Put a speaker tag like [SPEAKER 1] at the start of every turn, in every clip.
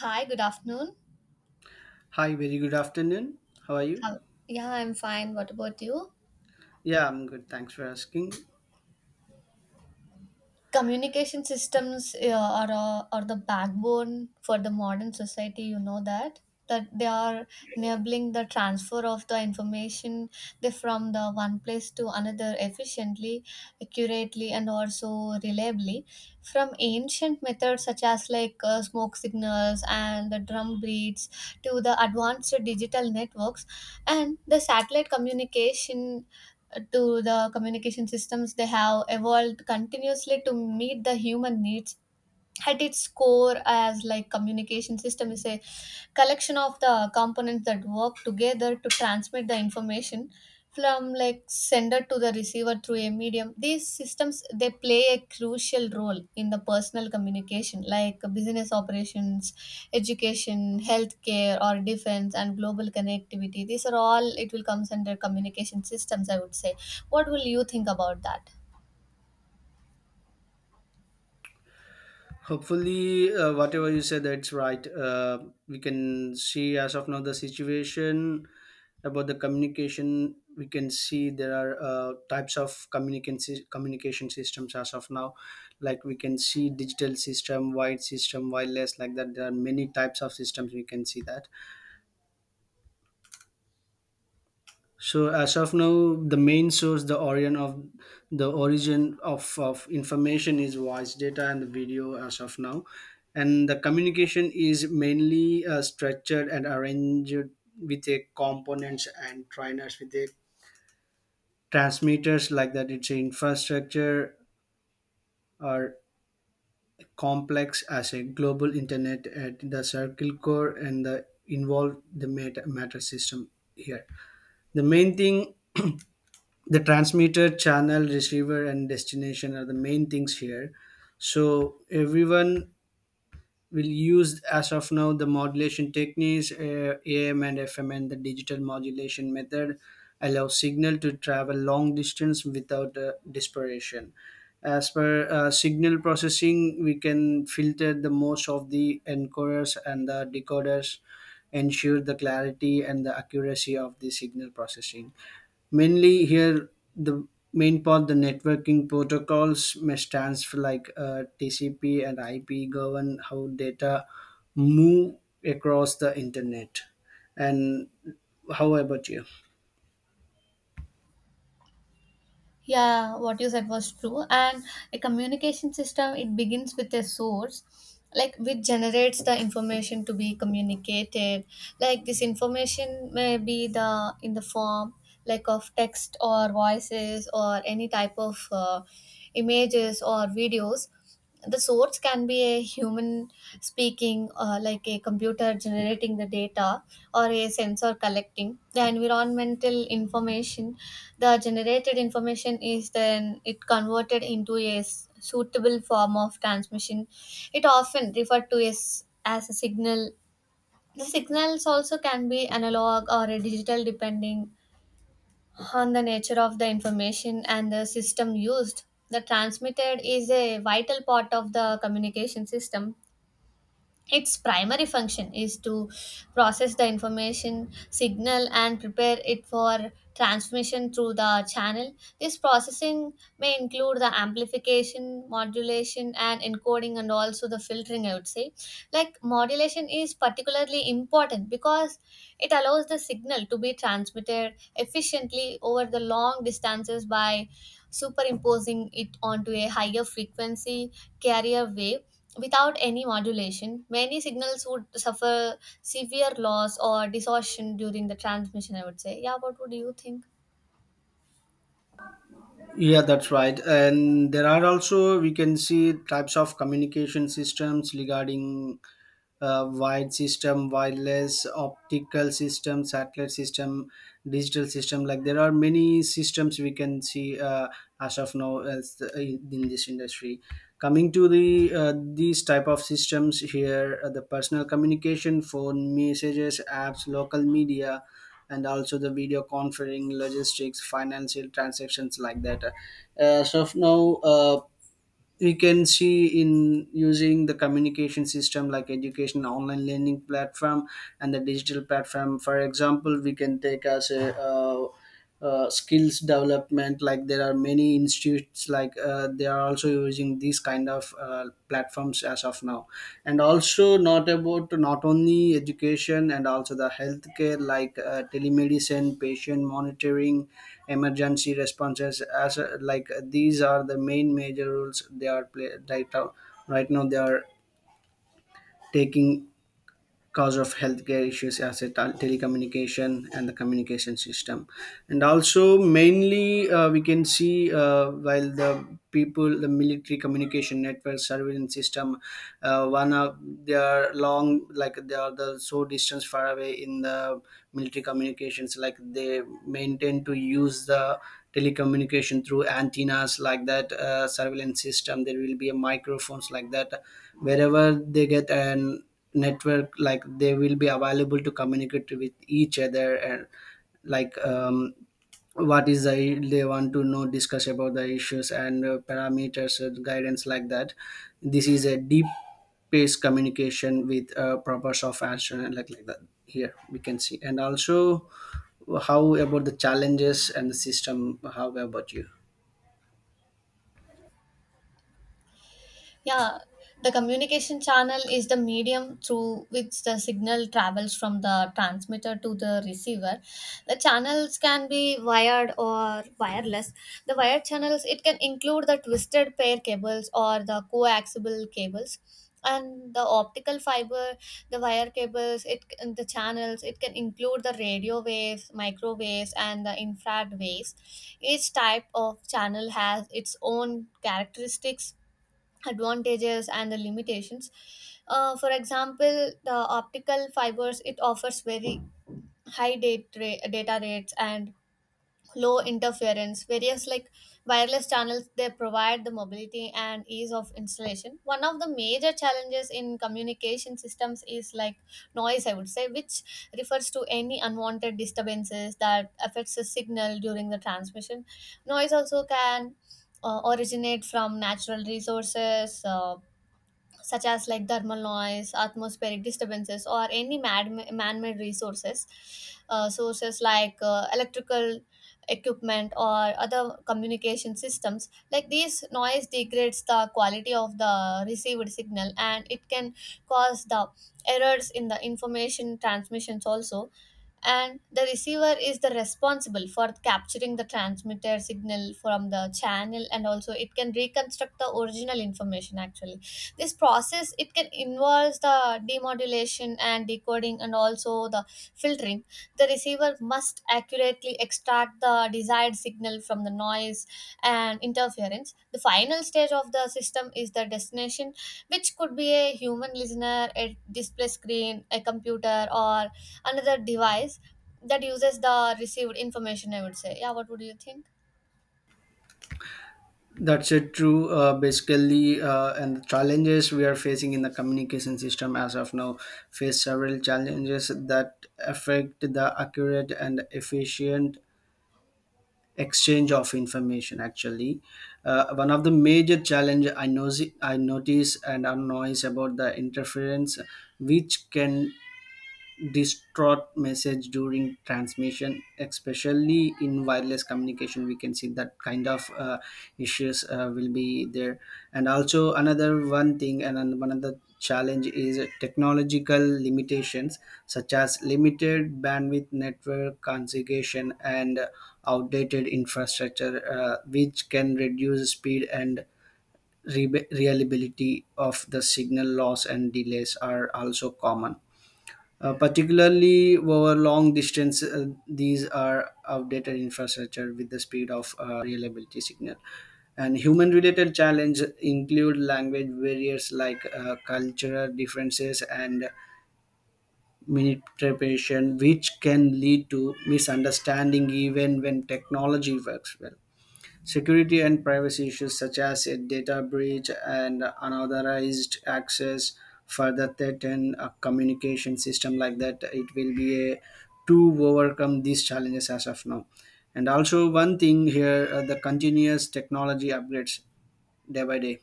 [SPEAKER 1] Hi, good afternoon.
[SPEAKER 2] Hi, very good afternoon. How are
[SPEAKER 1] How,
[SPEAKER 2] you?
[SPEAKER 1] yeah, I'm fine. What about you?
[SPEAKER 2] Yeah, I'm good. Thanks for asking.
[SPEAKER 1] Communication systems are the backbone for the modern society, you know that? That they are enabling the transfer of the information they from the one place to another efficiently, accurately, and also reliably. From ancient methods such as like smoke signals and the drum beats to the advanced digital networks, and the satellite communication to the communication systems, they have evolved continuously to meet the human needs. At its core, as like, communication system is a collection of the components that work together to transmit the information from like sender to the receiver through a medium. These systems, they play a crucial role in the personal communication like business operations, education, healthcare or defense, and global connectivity. These are all it will comes under communication systems, I would say. What will you think about that?
[SPEAKER 2] Hopefully, whatever you said, that's right. We can see as of now the situation about the communication. We can see there are types of communication systems as of now. Like we can see digital system, wide system, wireless, like that. There are many types of systems we can see that. So as of now, the main source, the origin of information is voice data and the video as of now, and the communication is mainly structured and arranged with a components and trainers with a transmitters like that. It's a infrastructure or complex as a global internet at the circle core and the involved the meta matter system here. The main thing, the transmitter channel receiver and destination are the main things here. So everyone will use as of now the modulation techniques, am and fm and the digital modulation method, allow signal to travel long distance without dispersion. As per signal processing, we can filter the most of the encoders and the decoders ensure the clarity and the accuracy of the signal processing. Mainly here, the main part, the networking protocols may stands for like tcp and ip govern how data move across the internet. And how about you?
[SPEAKER 1] Yeah, what you said was true. And a communication system, it begins with a source, like which generates the information to be communicated. Like this information may be the in the form like of text or voices or any type of images or videos. The source can be a human speaking like a computer generating the data or a sensor collecting the environmental information. The generated information is then it converted into a suitable form of transmission. It often referred to as a signal. The signals also can be analog or a digital depending on the nature of the information and the system used. The transmitted is a vital part of the communication system. Its primary function is to process the information signal and prepare it for transmission through the channel. This processing may include the amplification, modulation, and encoding, and also the filtering, I would say. Like, modulation is particularly important because it allows the signal to be transmitted efficiently over the long distances by superimposing it onto a higher frequency carrier wave without any modulation. Many signals would suffer severe loss or distortion during the transmission, I would say. Yeah, what would you think?
[SPEAKER 2] Yeah, that's right, and there are also we can see types of communication systems regarding wired system, wireless, optical system, satellite system, digital system. Like there are many systems we can see as of now as the, in this industry. Coming to the these type of systems here, the personal communication, phone messages apps, local media, and also the video conferencing, logistics, financial transactions like that. As of now, we can see in using the communication system like education, online learning platform, and the digital platform. For example, we can take as a skills development. Like there are many institutes like they are also using these kind of platforms as of now. And also not only education and also the healthcare, like telemedicine, patient monitoring, emergency responses as like these are the main major roles they are play right now. Right now they are taking cause of healthcare issues as a telecommunication and the communication system. And also mainly we can see while the people the military communication network surveillance system, one of they are long, like they are the so distance far away in the military communications, like they maintain to use the telecommunication through antennas like that. Surveillance system, there will be a microphones like that wherever they get an network, like they will be available to communicate with each other. And like what is the they want to know, discuss about the issues and parameters and guidance like that. This is a deep based communication with proper soft action and like that here we can see. And also how about the challenges and the system? How about you?
[SPEAKER 1] Yeah, the communication channel is the medium through which the signal travels from the transmitter to the receiver. The channels can be wired or wireless. The wired channels, it can include the twisted pair cables or the coaxial cables and the optical fiber. The wire cables it and the channels, it can include the radio waves, microwaves, and the infrared waves. Each type of channel has its own characteristics, advantages, and the limitations. For example, the optical fibers, it offers very high data, data rates and low interference. Various like wireless channels, they provide the mobility and ease of installation. One of the major challenges in communication systems is like noise, I would say, which refers to any unwanted disturbances that affects the signal during the transmission. Noise also can originate from natural resources, such as like thermal noise, atmospheric disturbances, or any man-made resources, sources like electrical equipment or other communication systems. Like these noise degrades the quality of the received signal, and it can cause the errors in the information transmissions also. And the receiver is the responsible for capturing the transmitter signal from the channel, and also it can reconstruct the original information actually. This process it can involves the demodulation and decoding and also the filtering. The receiver must accurately extract the desired signal from the noise and interference. The final stage of the system is the destination, which could be a human listener, a display screen, a computer, or another device that uses the received information, I would say. Yeah, what would you think?
[SPEAKER 2] That's it, true. Basically, and the challenges we are facing in the communication system as of now face several challenges that affect the accurate and efficient exchange of information. Actually, one of the major challenge I know I notice and annoys about the interference, which can distraught message during transmission, especially in wireless communication we can see that kind of issues will be there. And also another one thing, and one another challenge is technological limitations such as limited bandwidth, network configuration, and outdated infrastructure, which can reduce speed and reliability of the signal. Loss and delays are also common, particularly over long distance. These are outdated infrastructure with the speed of reliability signal. And human-related challenge include language barriers, like cultural differences and misinterpretation, which can lead to misunderstanding even when technology works well. Security and privacy issues such as a data breach and unauthorized access further threaten a communication system like that. It will be a to overcome these challenges as of now. And also one thing here, the continuous technology upgrades day by day,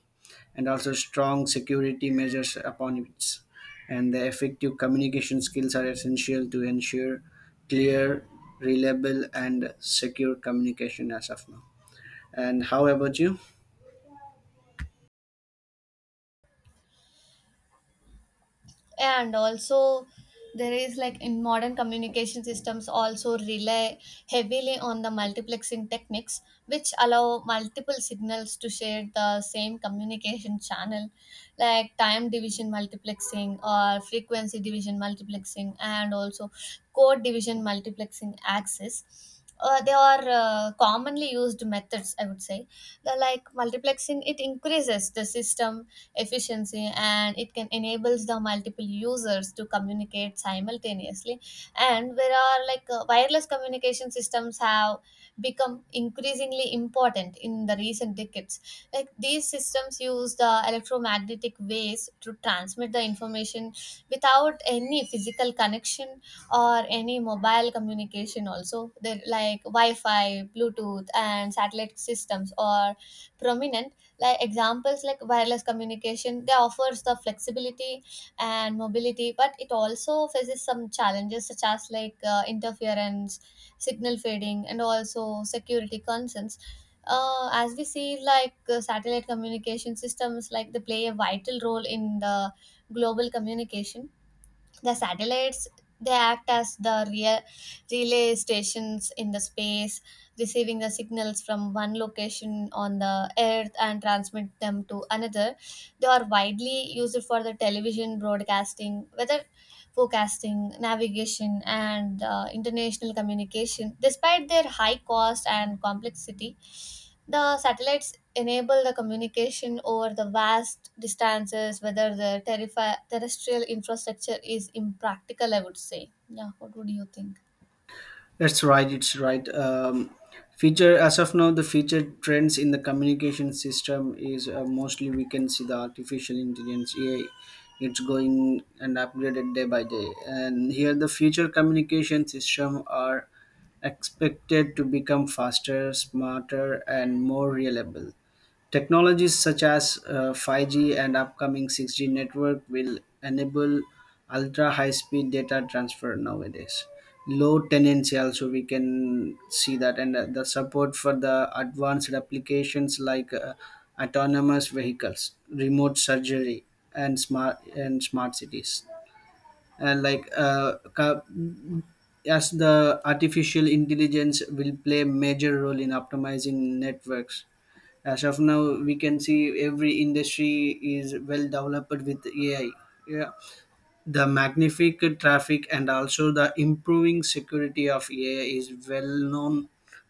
[SPEAKER 2] and also strong security measures upon it. And the effective communication skills are essential to ensure clear, reliable, and secure communication as of now. And how about you?
[SPEAKER 1] And also, there is like, in modern communication systems also rely heavily on the multiplexing techniques, which allow multiple signals to share the same communication channel, like time division multiplexing or frequency division multiplexing, and also code division multiplexing axis, they are commonly used methods, I would say. The like multiplexing, it increases the system efficiency and it can enables the multiple users to communicate simultaneously. And there are like wireless communication systems have become increasingly important in the recent decades. Like these systems use the electromagnetic waves to transmit the information without any physical connection or any mobile communication also. They're like wi-fi, bluetooth, and satellite systems are prominent. Like examples like wireless communication, they offers the flexibility and mobility, but it also faces some challenges such as like interference, signal fading, and also security concerns. As we see like satellite communication systems, like they play a vital role in the global communication. The satellites, they act as the real relay stations in the space, receiving the signals from one location on the earth and transmit them to another. They are widely used for the television broadcasting, weather forecasting, navigation, and international communication. Despite their high cost and complexity, the satellites enable the communication over the vast distances, whether the terrestrial infrastructure is impractical, I would say. Yeah, what would you think?
[SPEAKER 2] That's right, it's right. Feature as of now, the feature trends in the communication system is mostly we can see the artificial intelligence AI. It's going and upgraded day by day. And here, the future communication system are expected to become faster, smarter, and more reliable. Technologies such as 5G and upcoming 6G network will enable ultra high speed data transfer nowadays. Low tenancy also we can see that, and the support for the advanced applications like autonomous vehicles, remote surgery, and smart cities. And like as the artificial intelligence will play a major role in optimizing networks. As of now we can see every industry is well developed with ai. Yeah, the magnific traffic and also the improving security of ai is well known,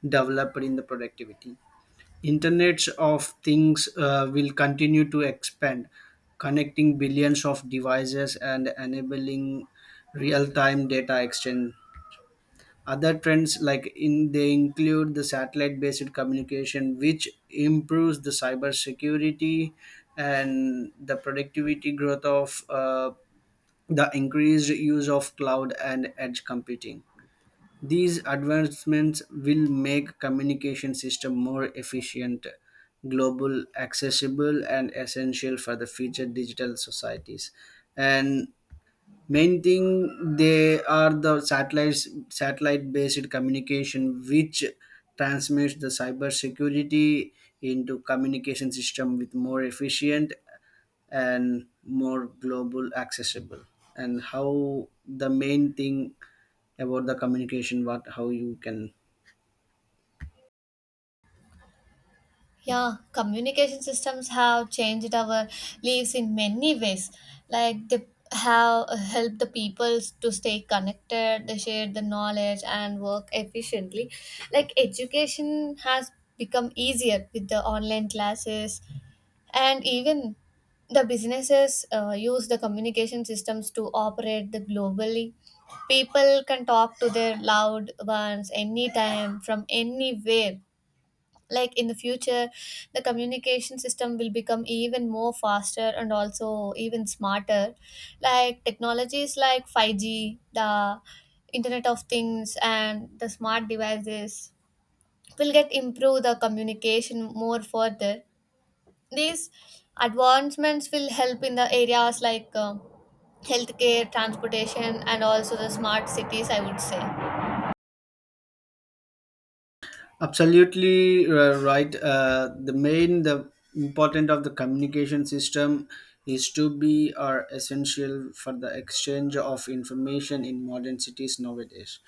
[SPEAKER 2] developed in the productivity. Internets of things will continue to expand, connecting billions of devices and enabling real-time data exchange. Other trends like in they include the satellite-based communication, which improves the cyber security and the productivity growth of the increased use of cloud and edge computing. These advancements will make communication system more efficient, global, accessible, and essential for the future digital societies. And main thing, they are the satellite based communication which transmits the cyber security into communication system with more efficient and more global accessible. And how the main thing about the communication, what how you can?
[SPEAKER 1] Yeah, communication systems have changed our lives in many ways. Like they have helped the people to stay connected, they share the knowledge and work efficiently. Like education has become easier with the online classes, and even the businesses use the communication systems to operate the globally. People can talk to their loved ones anytime from anywhere. Like in the future, the communication system will become even more faster and also even smarter, like technologies like 5G, the internet of things, and the smart devices will get improve the communication more further. These advancements will help in the areas like healthcare, transportation, and also the smart cities, I would say.
[SPEAKER 2] Absolutely right. The main, the important of the communication system is to be are essential for the exchange of information in modern cities nowadays.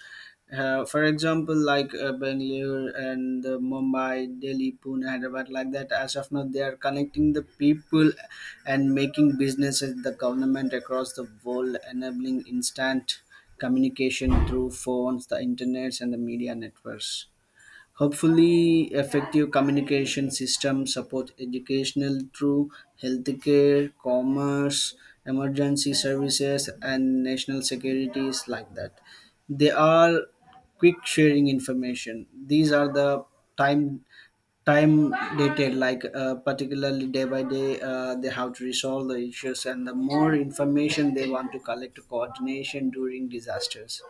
[SPEAKER 2] For example, like Bangalore and Mumbai, Delhi, Pune, Hyderabad, like that. As of now, they are connecting the people and making businesses, the government across the world, enabling instant communication through phones, the internets, and the media networks. Hopefully, effective communication systems support educational through healthcare, commerce, emergency services, and national securities like that. They are quick sharing information. These are the time time dated like particularly day by day. They have to resolve the issues and the more information they want to collect coordination during disasters,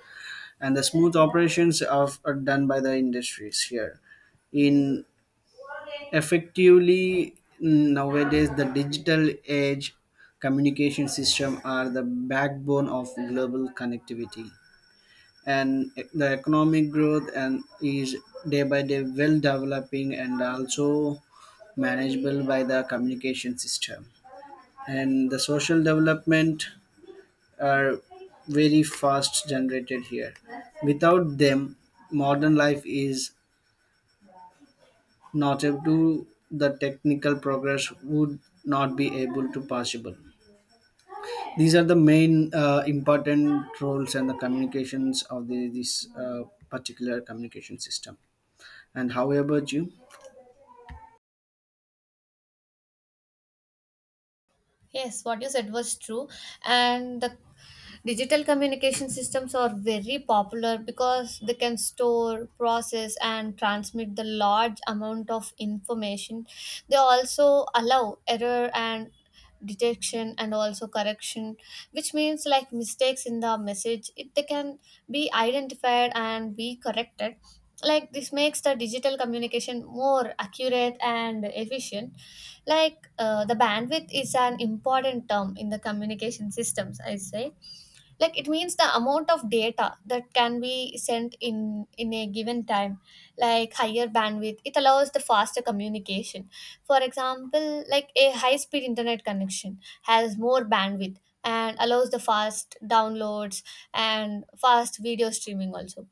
[SPEAKER 2] and the smooth operations of, are done by the industries here in effectively. Nowadays the digital age communication system are the backbone of global connectivity and the economic growth, and is day by day well developing and also manageable by the communication system, and the social development are very fast generated here. Without them, modern life is not able to the technical progress would not be able to possible. These are the main important roles and the communications of the, this particular communication system. And how about you?
[SPEAKER 1] Yes, what you said was true. And the digital communication systems are very popular because they can store, process, and transmit the large amount of information. They also allow error and detection and also correction, which means like mistakes in the message, it, they can be identified and be corrected. Like this makes the digital communication more accurate and efficient. Like the bandwidth is an important term in the communication systems, I say. Like it means the amount of data that can be sent in a given time. Like higher bandwidth, it allows the faster communication. For example, like a high speed internet connection has more bandwidth and allows the fast downloads and fast video streaming also.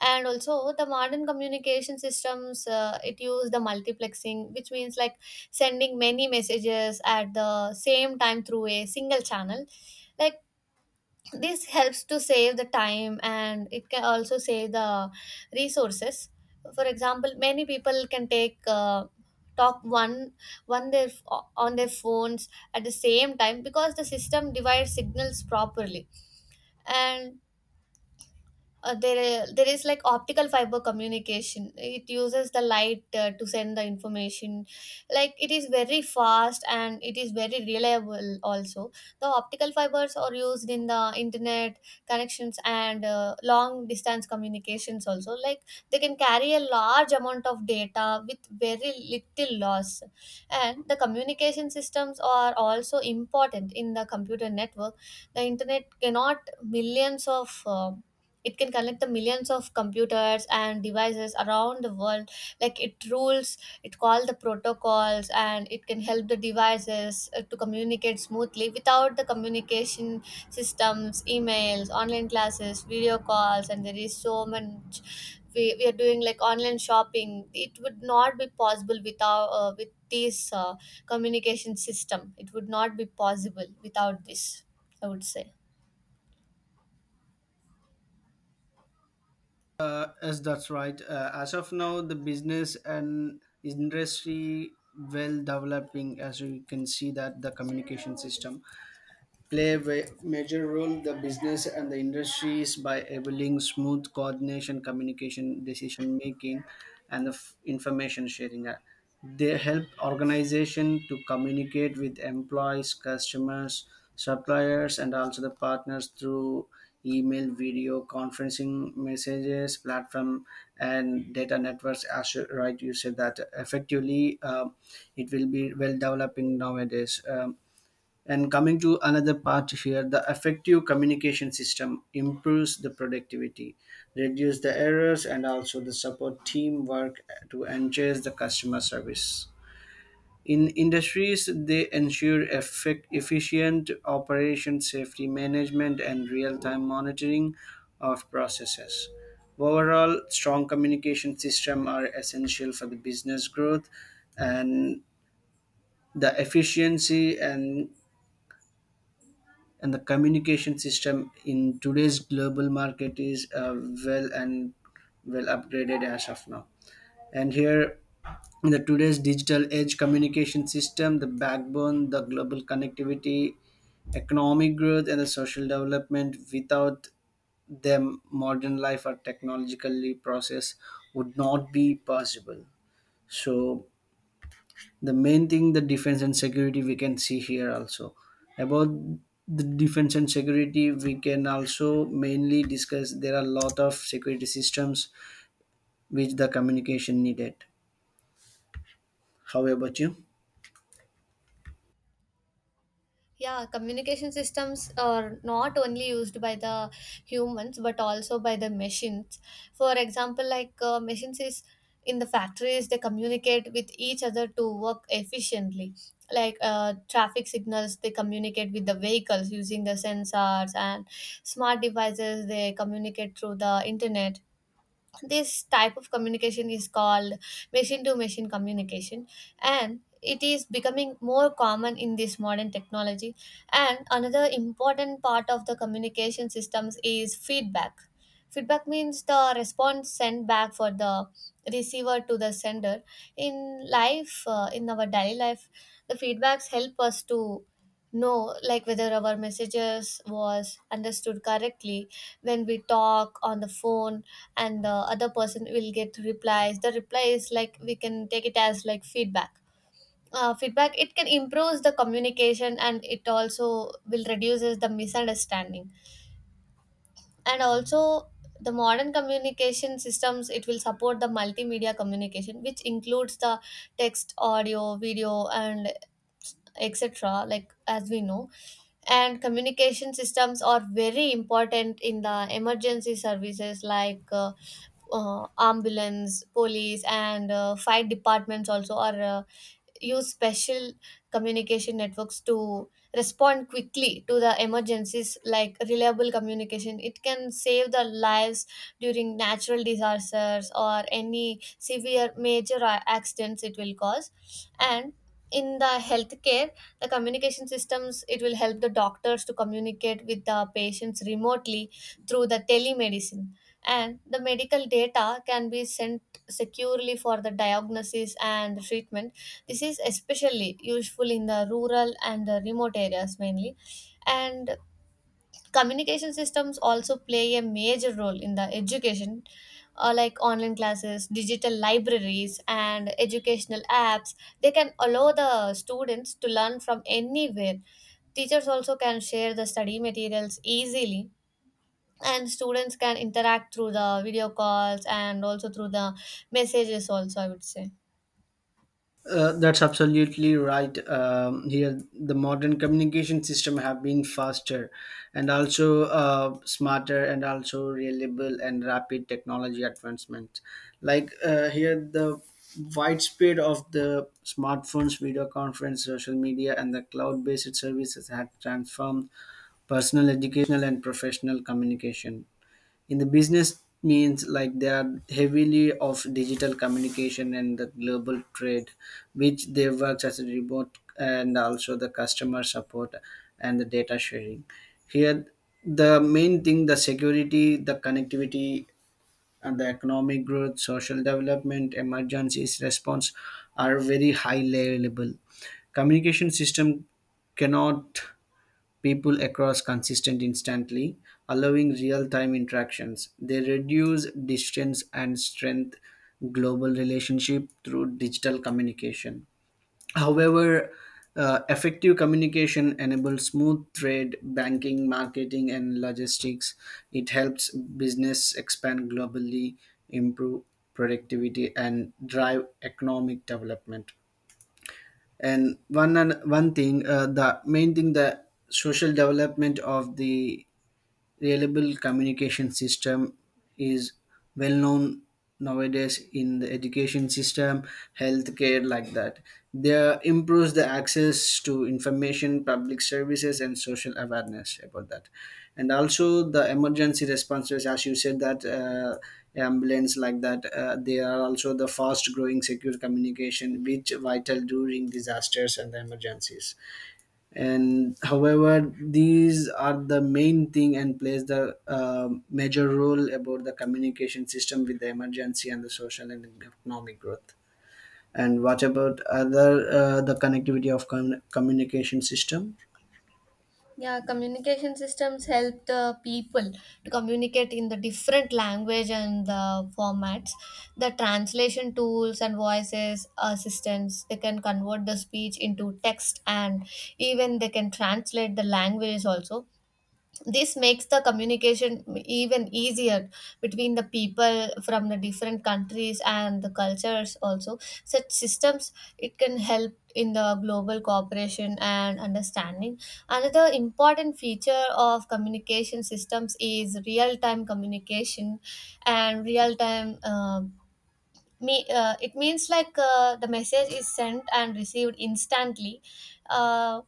[SPEAKER 1] And also the modern communication systems, it use the multiplexing, which means like sending many messages at the same time through a single channel. Like this helps to save the time and it can also save the resources. For example, many people can take talk one one their on their phones at the same time because the system divides signals properly. And there is like optical fiber communication, it uses the light to send the information. Like it is very fast and it is very reliable also. The optical fibers are used in the internet connections and long distance communications also. Like they can carry a large amount of data with very little loss. And the communication systems are also important in the computer network. The internet cannot millions of it can connect the millions of computers and devices around the world. Like it rules, it call the protocols and it can help the devices to communicate smoothly. Without the communication systems, emails, online classes, video calls, and there is so much we are doing like online shopping, it would not be possible without with this communication system. It would not be possible without this, I would say.
[SPEAKER 2] Yes, that's right. As of now, the business and industry well developing, as you can see that the communication system play a major role the business and the industries by enabling smooth coordination, communication, decision making, and the information sharing. They help organization to communicate with employees, customers, suppliers, and also the partners through email, video conferencing, messages platform, and data networks, as right you said that effectively. um, it will be well developing nowadays. And coming to another part here, the effective communication system improves the productivity, reduce the errors, and also the support teamwork to enhance the customer service. In industries, they ensure effect, efficient operation, safety management, and real-time monitoring of processes. Overall, strong communication systems are essential for the business growth and the efficiency. And the communication system in today's global market is well and well upgraded as of now. And here in the today's digital edge communication system, the backbone, the global connectivity, economic growth, and the social development, without them modern life or technologically process would not be possible. So the main thing, the defense and security we can see here also. About the defense and security, we can also mainly discuss. There are a lot of security systems which the communication needed. How about you?
[SPEAKER 1] Yeah, communication systems are not only used by the humans but also by the machines. For example, like machines is in the factories, they communicate with each other to work efficiently. Like traffic signals, they communicate with the vehicles using the sensors, and smart devices, they communicate through the internet. This type of communication is called machine to machine communication, and it is becoming more common in this modern technology. And another important part of the communication systems is feedback. Feedback means the response sent back for the receiver to the sender. In life, in our daily life, the feedbacks help us to know like whether our messages was understood correctly. When we talk on the phone and the other person will get replies, the reply is like we can take it as like feedback. Feedback, it can improves the communication and it also will reduces the misunderstanding. And also the modern communication systems, it will support the multimedia communication, which includes the text, audio, video, and etc, like as we know. And communication systems are very important in the emergency services like ambulance, police, and fire departments also are use special communication networks to respond quickly to the emergencies. Like reliable communication, it can save the lives during natural disasters or any severe major accidents it will cause. And in the healthcare, the communication systems, it will help the doctors to communicate with the patients remotely through the telemedicine, and the medical data can be sent securely for the diagnosis and treatment. This is especially useful in the rural and the remote areas mainly. And communication systems also play a major role in the education, like online classes, digital libraries, and educational apps. They can allow the students to learn from anywhere. Teachers also can share the study materials easily, and students can interact through the video calls and also through the messages, also, I would say.
[SPEAKER 2] That's absolutely right. Here, the modern communication system have been faster, and also smarter, and also reliable and rapid technology advancements. Like here, the widespread of the smartphones, video conference, social media, and the cloud-based services have transformed personal, educational, and professional communication. In the business means like they are heavily of digital communication and the global trade, which they works as a remote and also the customer support and the data sharing. Here the main thing, the security, the connectivity, and the economic growth, social development, emergencies response are very high level communication system cannot people across consistent instantly, allowing real-time interactions. They reduce distance and strength global relationship through digital communication. However, effective communication enables smooth trade, banking, marketing, and logistics. It helps business expand globally, improve productivity, and drive economic development. And one thing, the main thing, the social development of the reliable communication system is well known nowadays in the education system, healthcare like that. They improves the access to information, public services, and social awareness about that. And also the emergency responses, as you said that, ambulance like that, they are also the fast growing secure communication which vital during disasters and the emergencies. And however, these are the main thing and plays the major role about the communication system with the emergency and the social and economic growth. And what about other, the connectivity of communication system?
[SPEAKER 1] Yeah, communication systems help the people to communicate in the different language and the formats. The translation tools and voices assistants, they can convert the speech into text and even they can translate the languages also. This makes the communication even easier between the people from the different countries and the cultures also. Such systems, it can help in the global cooperation and understanding. Another important feature of communication systems is real time communication. And real time, it means like the message is sent and received instantly. uh,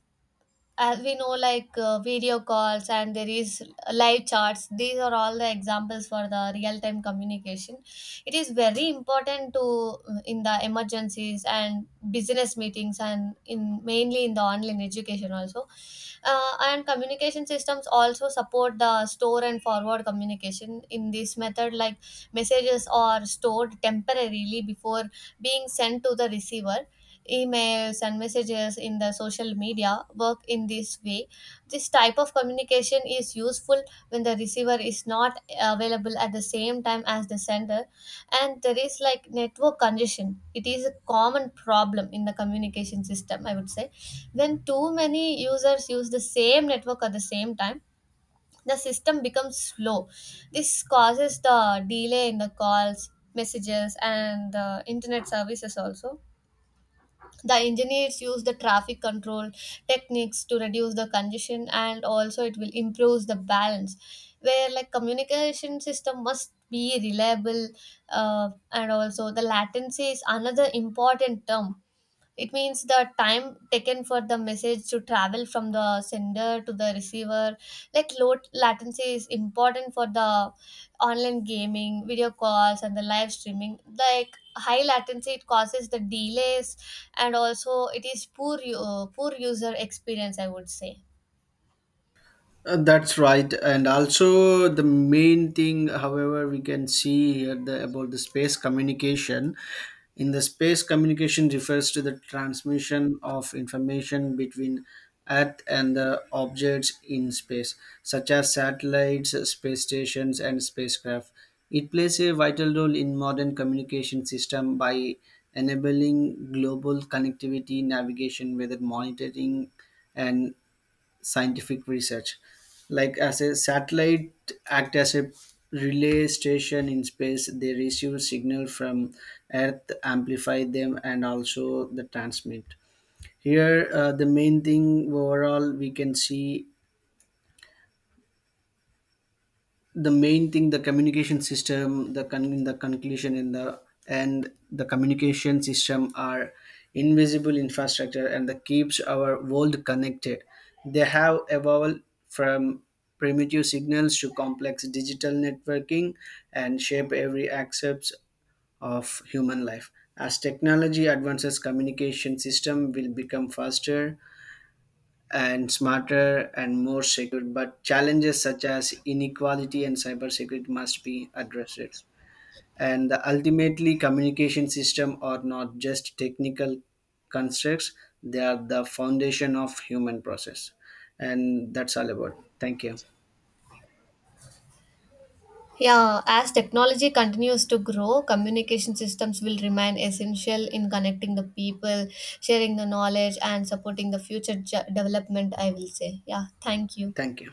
[SPEAKER 1] we know like video calls, and there is live charts. These are all the examples for the real time communication. It is very important to, in the emergencies and business meetings, and in mainly in the online education also. And communication systems also support the store and forward communication. In this method, like messages are stored temporarily before being sent to the receiver. Emails and messages in the social media work in this way. This type of communication is useful when the receiver is not available at the same time as the sender. And there is like network congestion, it is a common problem in the communication system, I would say. When too many users use the same network at the same time, the system becomes slow. This causes the delay in the calls, messages, and the internet services also. The engineers use the traffic control techniques to reduce the congestion and also it will improve the balance, where like communication system must be reliable. And also the latency is another important term. It means the time taken for the message to travel from the sender to the receiver. Like low latency is important for the online gaming, video calls, and the live streaming. Like high latency, it causes the delays and also it is poor poor user experience, I would say.
[SPEAKER 2] That's right, and also the main thing, however, we can see here the, about the space communication. In the space communication refers to the transmission of information between Earth and the objects in space, such as satellites, space stations, and spacecraft. It plays a vital role in modern communication system by enabling global connectivity, navigation, weather monitoring, and scientific research. Like as a satellite act as a relay station in space, they receive signal from earth, amplify them, and also the transmit. Here the main thing, overall we can see the main thing the communication system, the the conclusion in the, and the communication system are invisible infrastructure and that keeps our world connected. They have evolved from primitive signals to complex digital networking, and shape every aspect of human life. As technology advances, communication system will become faster and smarter and more secure, but challenges such as inequality and cybersecurity must be addressed. And the ultimately, communication system are not just technical constructs; they are the foundation of human process. And that's all about. Thank you.
[SPEAKER 1] Yeah, as technology continues to grow, communication systems will remain essential in connecting the people, sharing the knowledge, and supporting the future development, I will say. Yeah, thank you.
[SPEAKER 2] Thank you.